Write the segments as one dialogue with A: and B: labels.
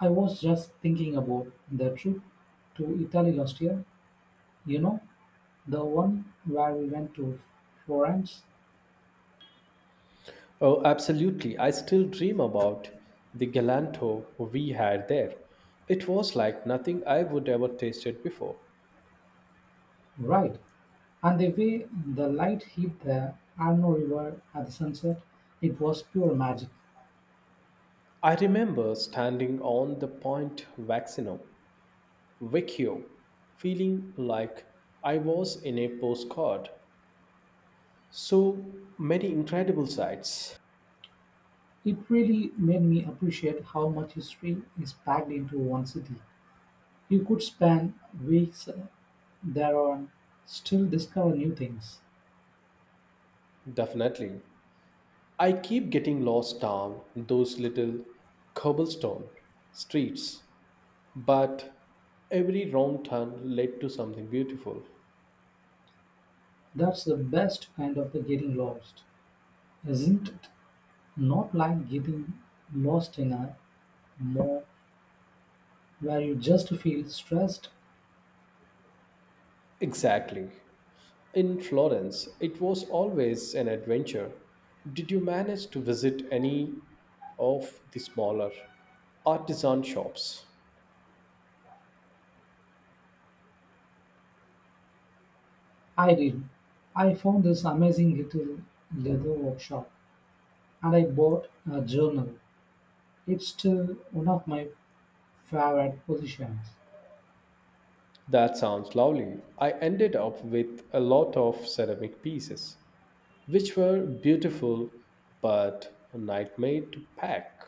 A: I was just thinking about the trip to Italy last year. You know, the one where we went to Florence,
B: Oh, absolutely. I still dream about the galanto we had there. It was like nothing I would ever tasted before.
A: right? And the way the light hit the Arno River at the sunset, it was pure magic.
B: I remember standing on the Vecchio, feeling like I was in a postcard. So many incredible sights.
A: It really made me appreciate how much history is packed into one city. You could spend weeks there and still discover new things.
B: Definitely. I keep getting lost down those little cobblestone streets, but every wrong turn led to something beautiful.
A: That's the best kind of the getting lost, isn't it? Not like getting lost in a mall where you just feel stressed.
B: Exactly. In Florence, it was always an adventure. Did you manage to visit any of the smaller artisan shops?
A: I did. I found this amazing little leather workshop and I bought a journal. It's still one of my favorite positions.
B: That sounds lovely. I ended up with a lot of ceramic pieces, which were beautiful but a nightmare to pack.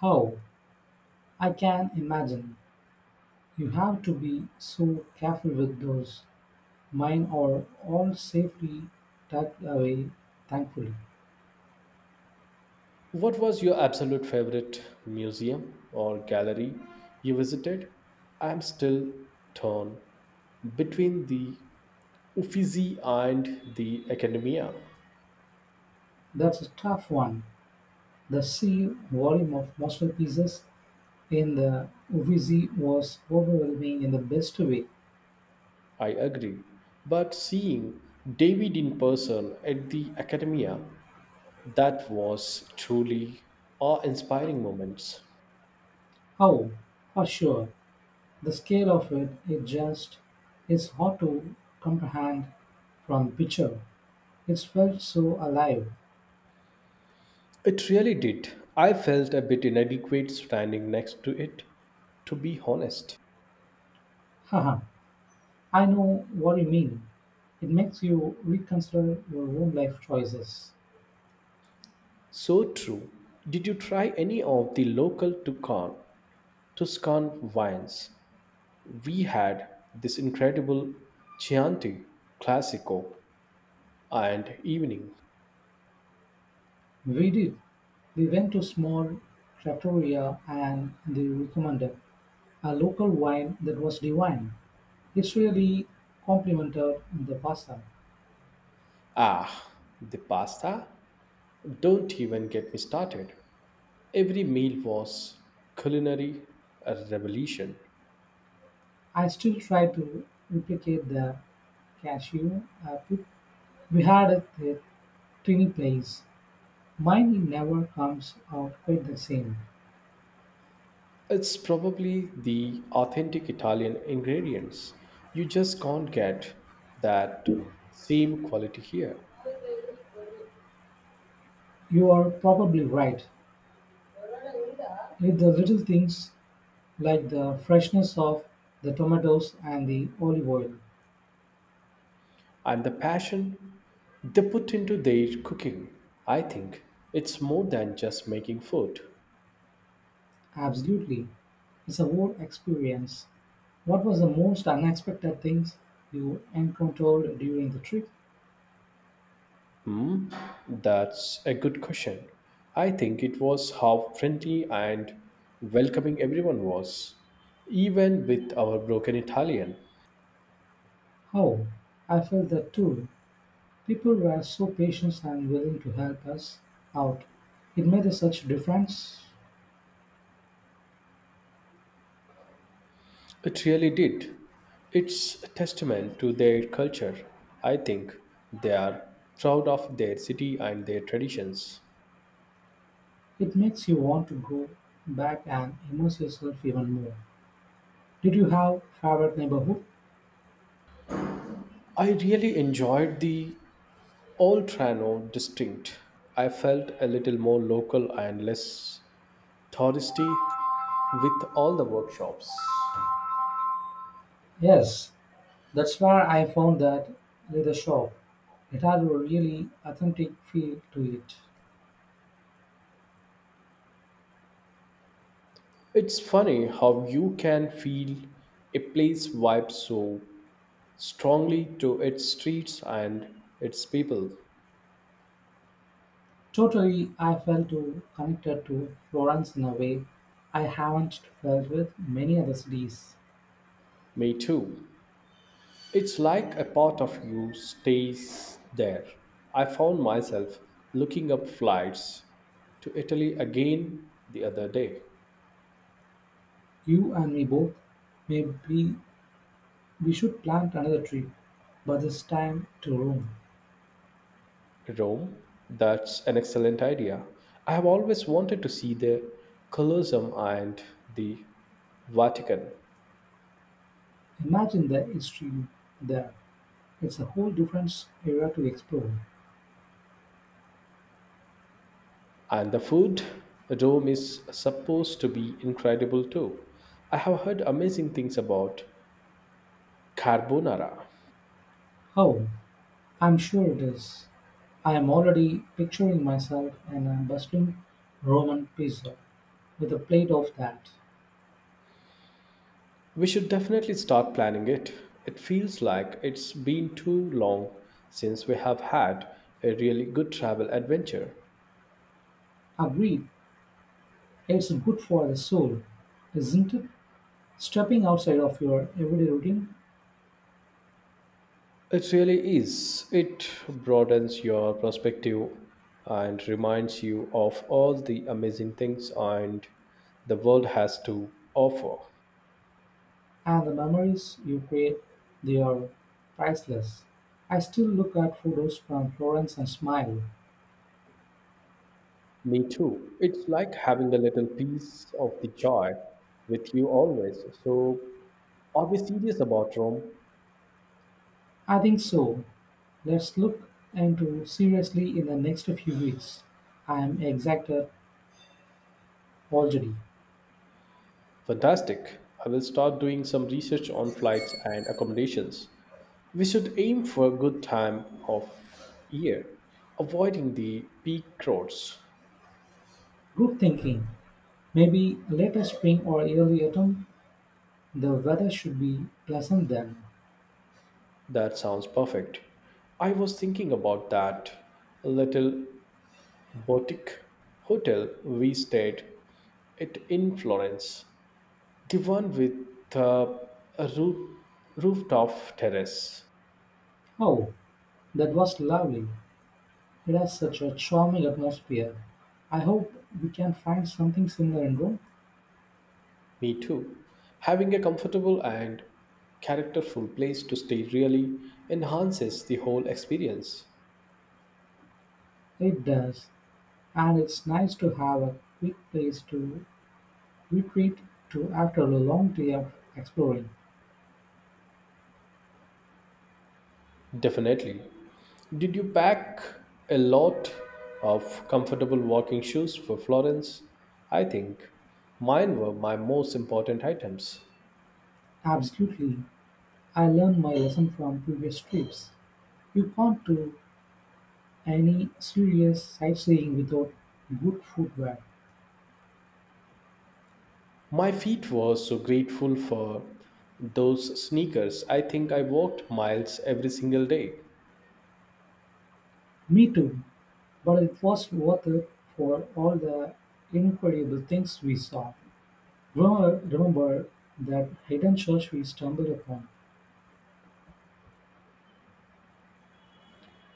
A: How? I can imagine. You have to be so careful with those. Mine are all safely tucked away, thankfully.
B: What was your absolute favorite museum or gallery you visited? I'm still torn between the Uffizi and the Academia.
A: That's a tough one. The sheer volume of masterpieces and the Uffizi was overwhelming in the best way.
B: I agree. But seeing David in person at the Academia, that was truly awe-inspiring moments.
A: How? For sure, the scale of it, it just is hard to comprehend from picture. It felt so alive.
B: It really did. I felt a bit inadequate standing next to it, to be honest.
A: Haha, I know what you mean. It makes you reconsider your own life choices.
B: So true. Did you try any of the local Tuscan wines? We had this incredible Chianti Classico and evening.
A: We did. We went to small trattoria and they recommended a local wine that was divine. It's really complimented the pasta.
B: Ah, the pasta? Don't even get me started. Every meal was culinary a revolution.
A: I still try to replicate the cashew pit we had at the Trini place. Mine never comes out quite the same.
B: It's probably the authentic Italian ingredients. You just can't get that same quality here.
A: You are probably right. It's the little things like the freshness of the tomatoes and the olive oil.
B: And the passion they put into their cooking, I think it's more than just making food.
A: Absolutely. It's a whole experience. What was the most unexpected things you encountered during the trip?
B: Hmm, that's a good question. I think it was how friendly and welcoming everyone was, even with our broken Italian.
A: How? I felt that too. People were so patient and willing to help us out. It made such a difference.
B: It really did. It's a testament to their culture. I think they are proud of their city and their traditions.
A: It makes you want to go back and immerse yourself even more. Did you have favorite neighborhood?
B: I really enjoyed the Oltrano distinct. I felt a little more local and less touristy with all the workshops.
A: Yes, that's where I found that leather shop. It had a really authentic feel to it.
B: It's funny how you can feel a place vibe so strongly to its streets and its people.
A: Totally, I felt too connected to Florence in a way I haven't felt with many other cities.
B: Me too. It's like a part of you stays there. I found myself looking up flights to Italy again the other day.
A: You and me both. Maybe we should plant another tree, but this time to Rome.
B: Rome, that's an excellent idea. I have always wanted to see the Colosseum and the Vatican.
A: Imagine the history there. It's a whole different era to explore.
B: And the food, Rome is supposed to be incredible too. I have heard amazing things about carbonara.
A: Oh, I'm sure it is. I am already picturing myself in a bustling Roman pizza with a plate of that.
B: We should definitely start planning it. It feels like it's been too long since we have had a really good travel adventure.
A: Agreed, it's good for the soul, isn't it? Stepping outside of your everyday routine
B: It really is. It broadens your perspective and reminds you of all the amazing things and the world has to offer.
A: and the memories you create, they are priceless. I still look at photos from Florence and smile.
B: Me too. It's like having a little piece of the joy with you always. So, are we serious about Rome?
A: I think so. Let's look into seriously in the next few weeks. I am excited already.
B: Fantastic. I will start doing some research on flights and accommodations. We should aim for a good time of year, avoiding the peak crowds.
A: Good thinking. Maybe later spring or early autumn. The weather should be pleasant then.
B: That sounds perfect. I was thinking about that little boutique hotel we stayed at in Florence. The one with a roof, rooftop terrace.
A: Oh, that was lovely. It has such a charming atmosphere. I hope we can find something similar in Rome.
B: Me too. Having a comfortable and characterful place to stay really enhances the whole experience.
A: It does, and it's nice to have a quick place to retreat to after a long day of exploring.
B: Definitely. Did you pack a lot of comfortable walking shoes for Florence? I think mine were my most important items.
A: Absolutely. I learned my lesson from previous trips. You can't do any serious sightseeing without good footwear.
B: My feet were so grateful for those sneakers. I think I walked miles every single day.
A: Me too, but it was worth it for all the incredible things we saw. Remember that hidden church we stumbled upon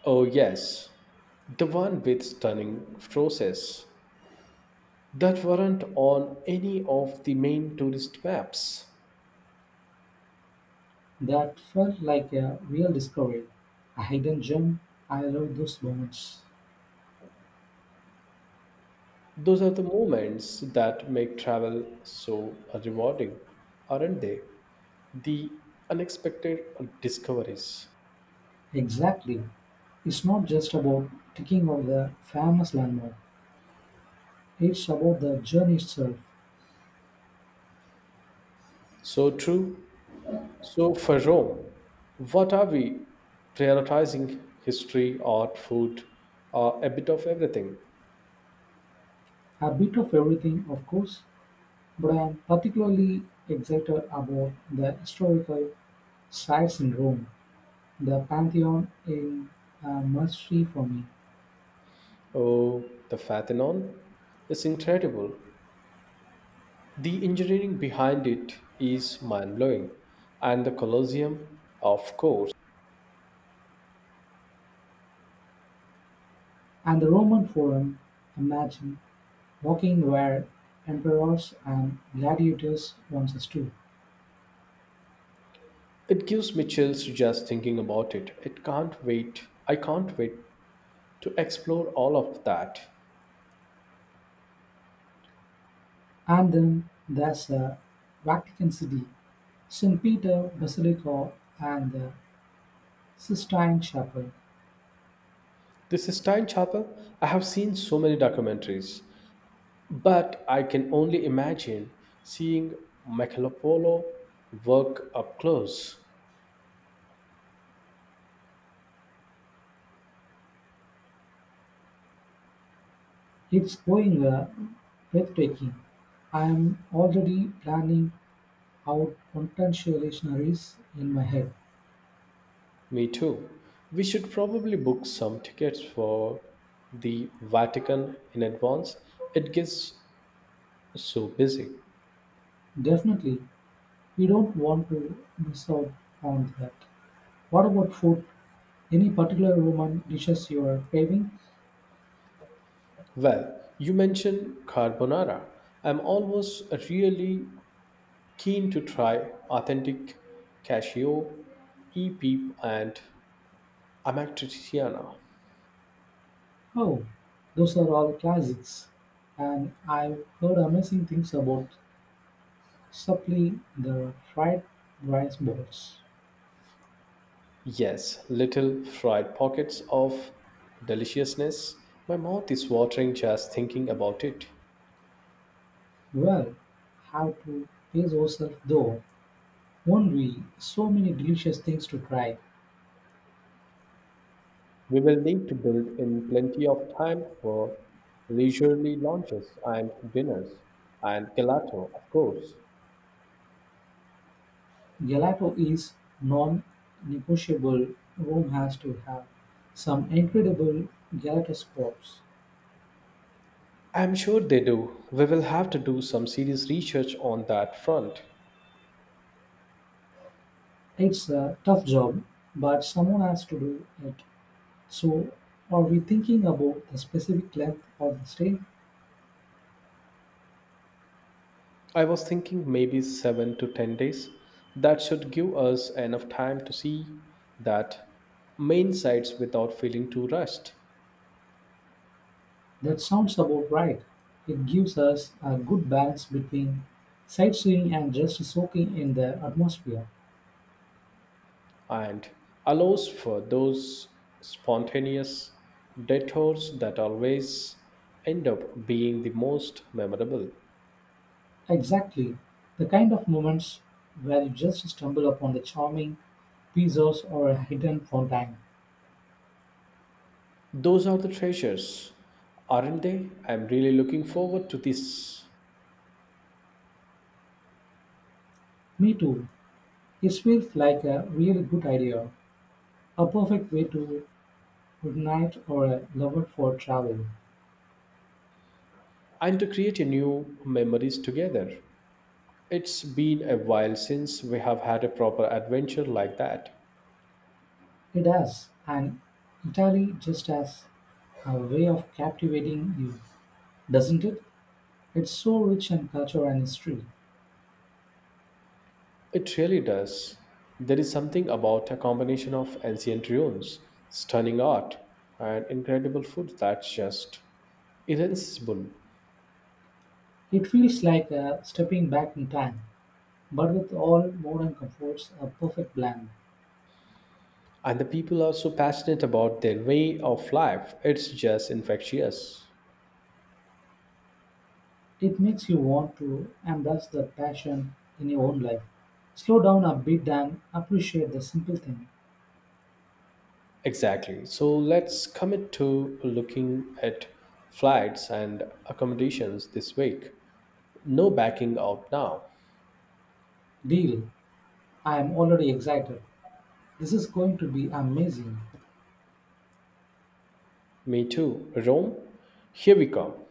B: Oh, yes, the one with stunning forces that weren't on any of the main tourist maps.
A: that felt like a real discovery, a hidden gem. I love those moments.
B: Those are the moments that make travel so rewarding, aren't they? The unexpected discoveries.
A: Exactly. It's not just about ticking off the famous landmark, it's about the journey itself.
B: So true. So, for Rome, what are we prioritizing? History, art, food, or a bit of everything?
A: A bit of everything, of course, but I am particularly excited about the historical sites in Rome, the Pantheon in a mystery for me,
B: Oh, the Parthenon is incredible. The engineering behind it is mind blowing, and the Colosseum, of course.
A: and the Roman Forum. Imagine walking where emperors and gladiators once stood.
B: It gives me chills just thinking about it. It can't wait. I can't wait to explore all of that.
A: And then there's the Vatican City, St. Peter Basilica, and the Sistine Chapel.
B: The Sistine Chapel, I have seen so many documentaries, but I can only imagine seeing Michelangelo work up close.
A: It's going breathtaking. I am already planning out contextualizations in my head.
B: Me too. We should probably book some tickets for the Vatican in advance. It gives so busy.
A: Definitely, we don't want to miss out on that. What about food? Any particular Roman dishes you are craving?
B: Well, you mentioned carbonara. I'm always really keen to try authentic cashew, e peep, and amatriciana.
A: Oh, those are all classics. And I've heard amazing things about supply the fried rice balls.
B: Yes, little fried pockets of deliciousness. My mouth is watering just thinking about it.
A: Well, how to pace ourselves though, won't we? So many delicious things to try.
B: We will need to build in plenty of time for leisurely lunches and dinners, and gelato, of course.
A: Gelato is non-negotiable, Rome has to have some incredible gelato spots.
B: I'm sure they do. We will have to do some serious research on that front.
A: It's a tough job, but someone has to do it. So, are we thinking about the specific length of the stay?
B: I was thinking maybe 7 to 10 days. That should give us enough time to see that main sites without feeling too rushed
A: That sounds about right. It gives us a good balance between sightseeing and just soaking in the atmosphere.
B: and allows for those spontaneous detours that always end up being the most memorable.
A: Exactly. The kind of moments where you just stumble upon the charming pizzas or a hidden fountain.
B: Those are the treasures, aren't they? I'm really looking forward to this
A: Me too. It feels like a really good idea. A perfect way to ignite our love for travel.
B: and to create a new memories together. It's been a while since we have had a proper adventure like that.
A: It does, and Italy just has a way of captivating you, doesn't it? It's so rich in culture and history.
B: It really does. There is something about a combination of ancient ruins, stunning art, and incredible food that's just irresistible.
A: It feels like a stepping back in time, but with all modern comforts, a perfect blend.
B: And the people are so passionate about their way of life, it's just infectious.
A: It makes you want to embrace the passion in your own life. Slow down a bit and appreciate the simple thing.
B: Exactly. So let's commit to looking at flights and accommodations this week. No backing out now.
A: Deal. I am already excited, this is going to be amazing.
B: Me too. Rome, here we come.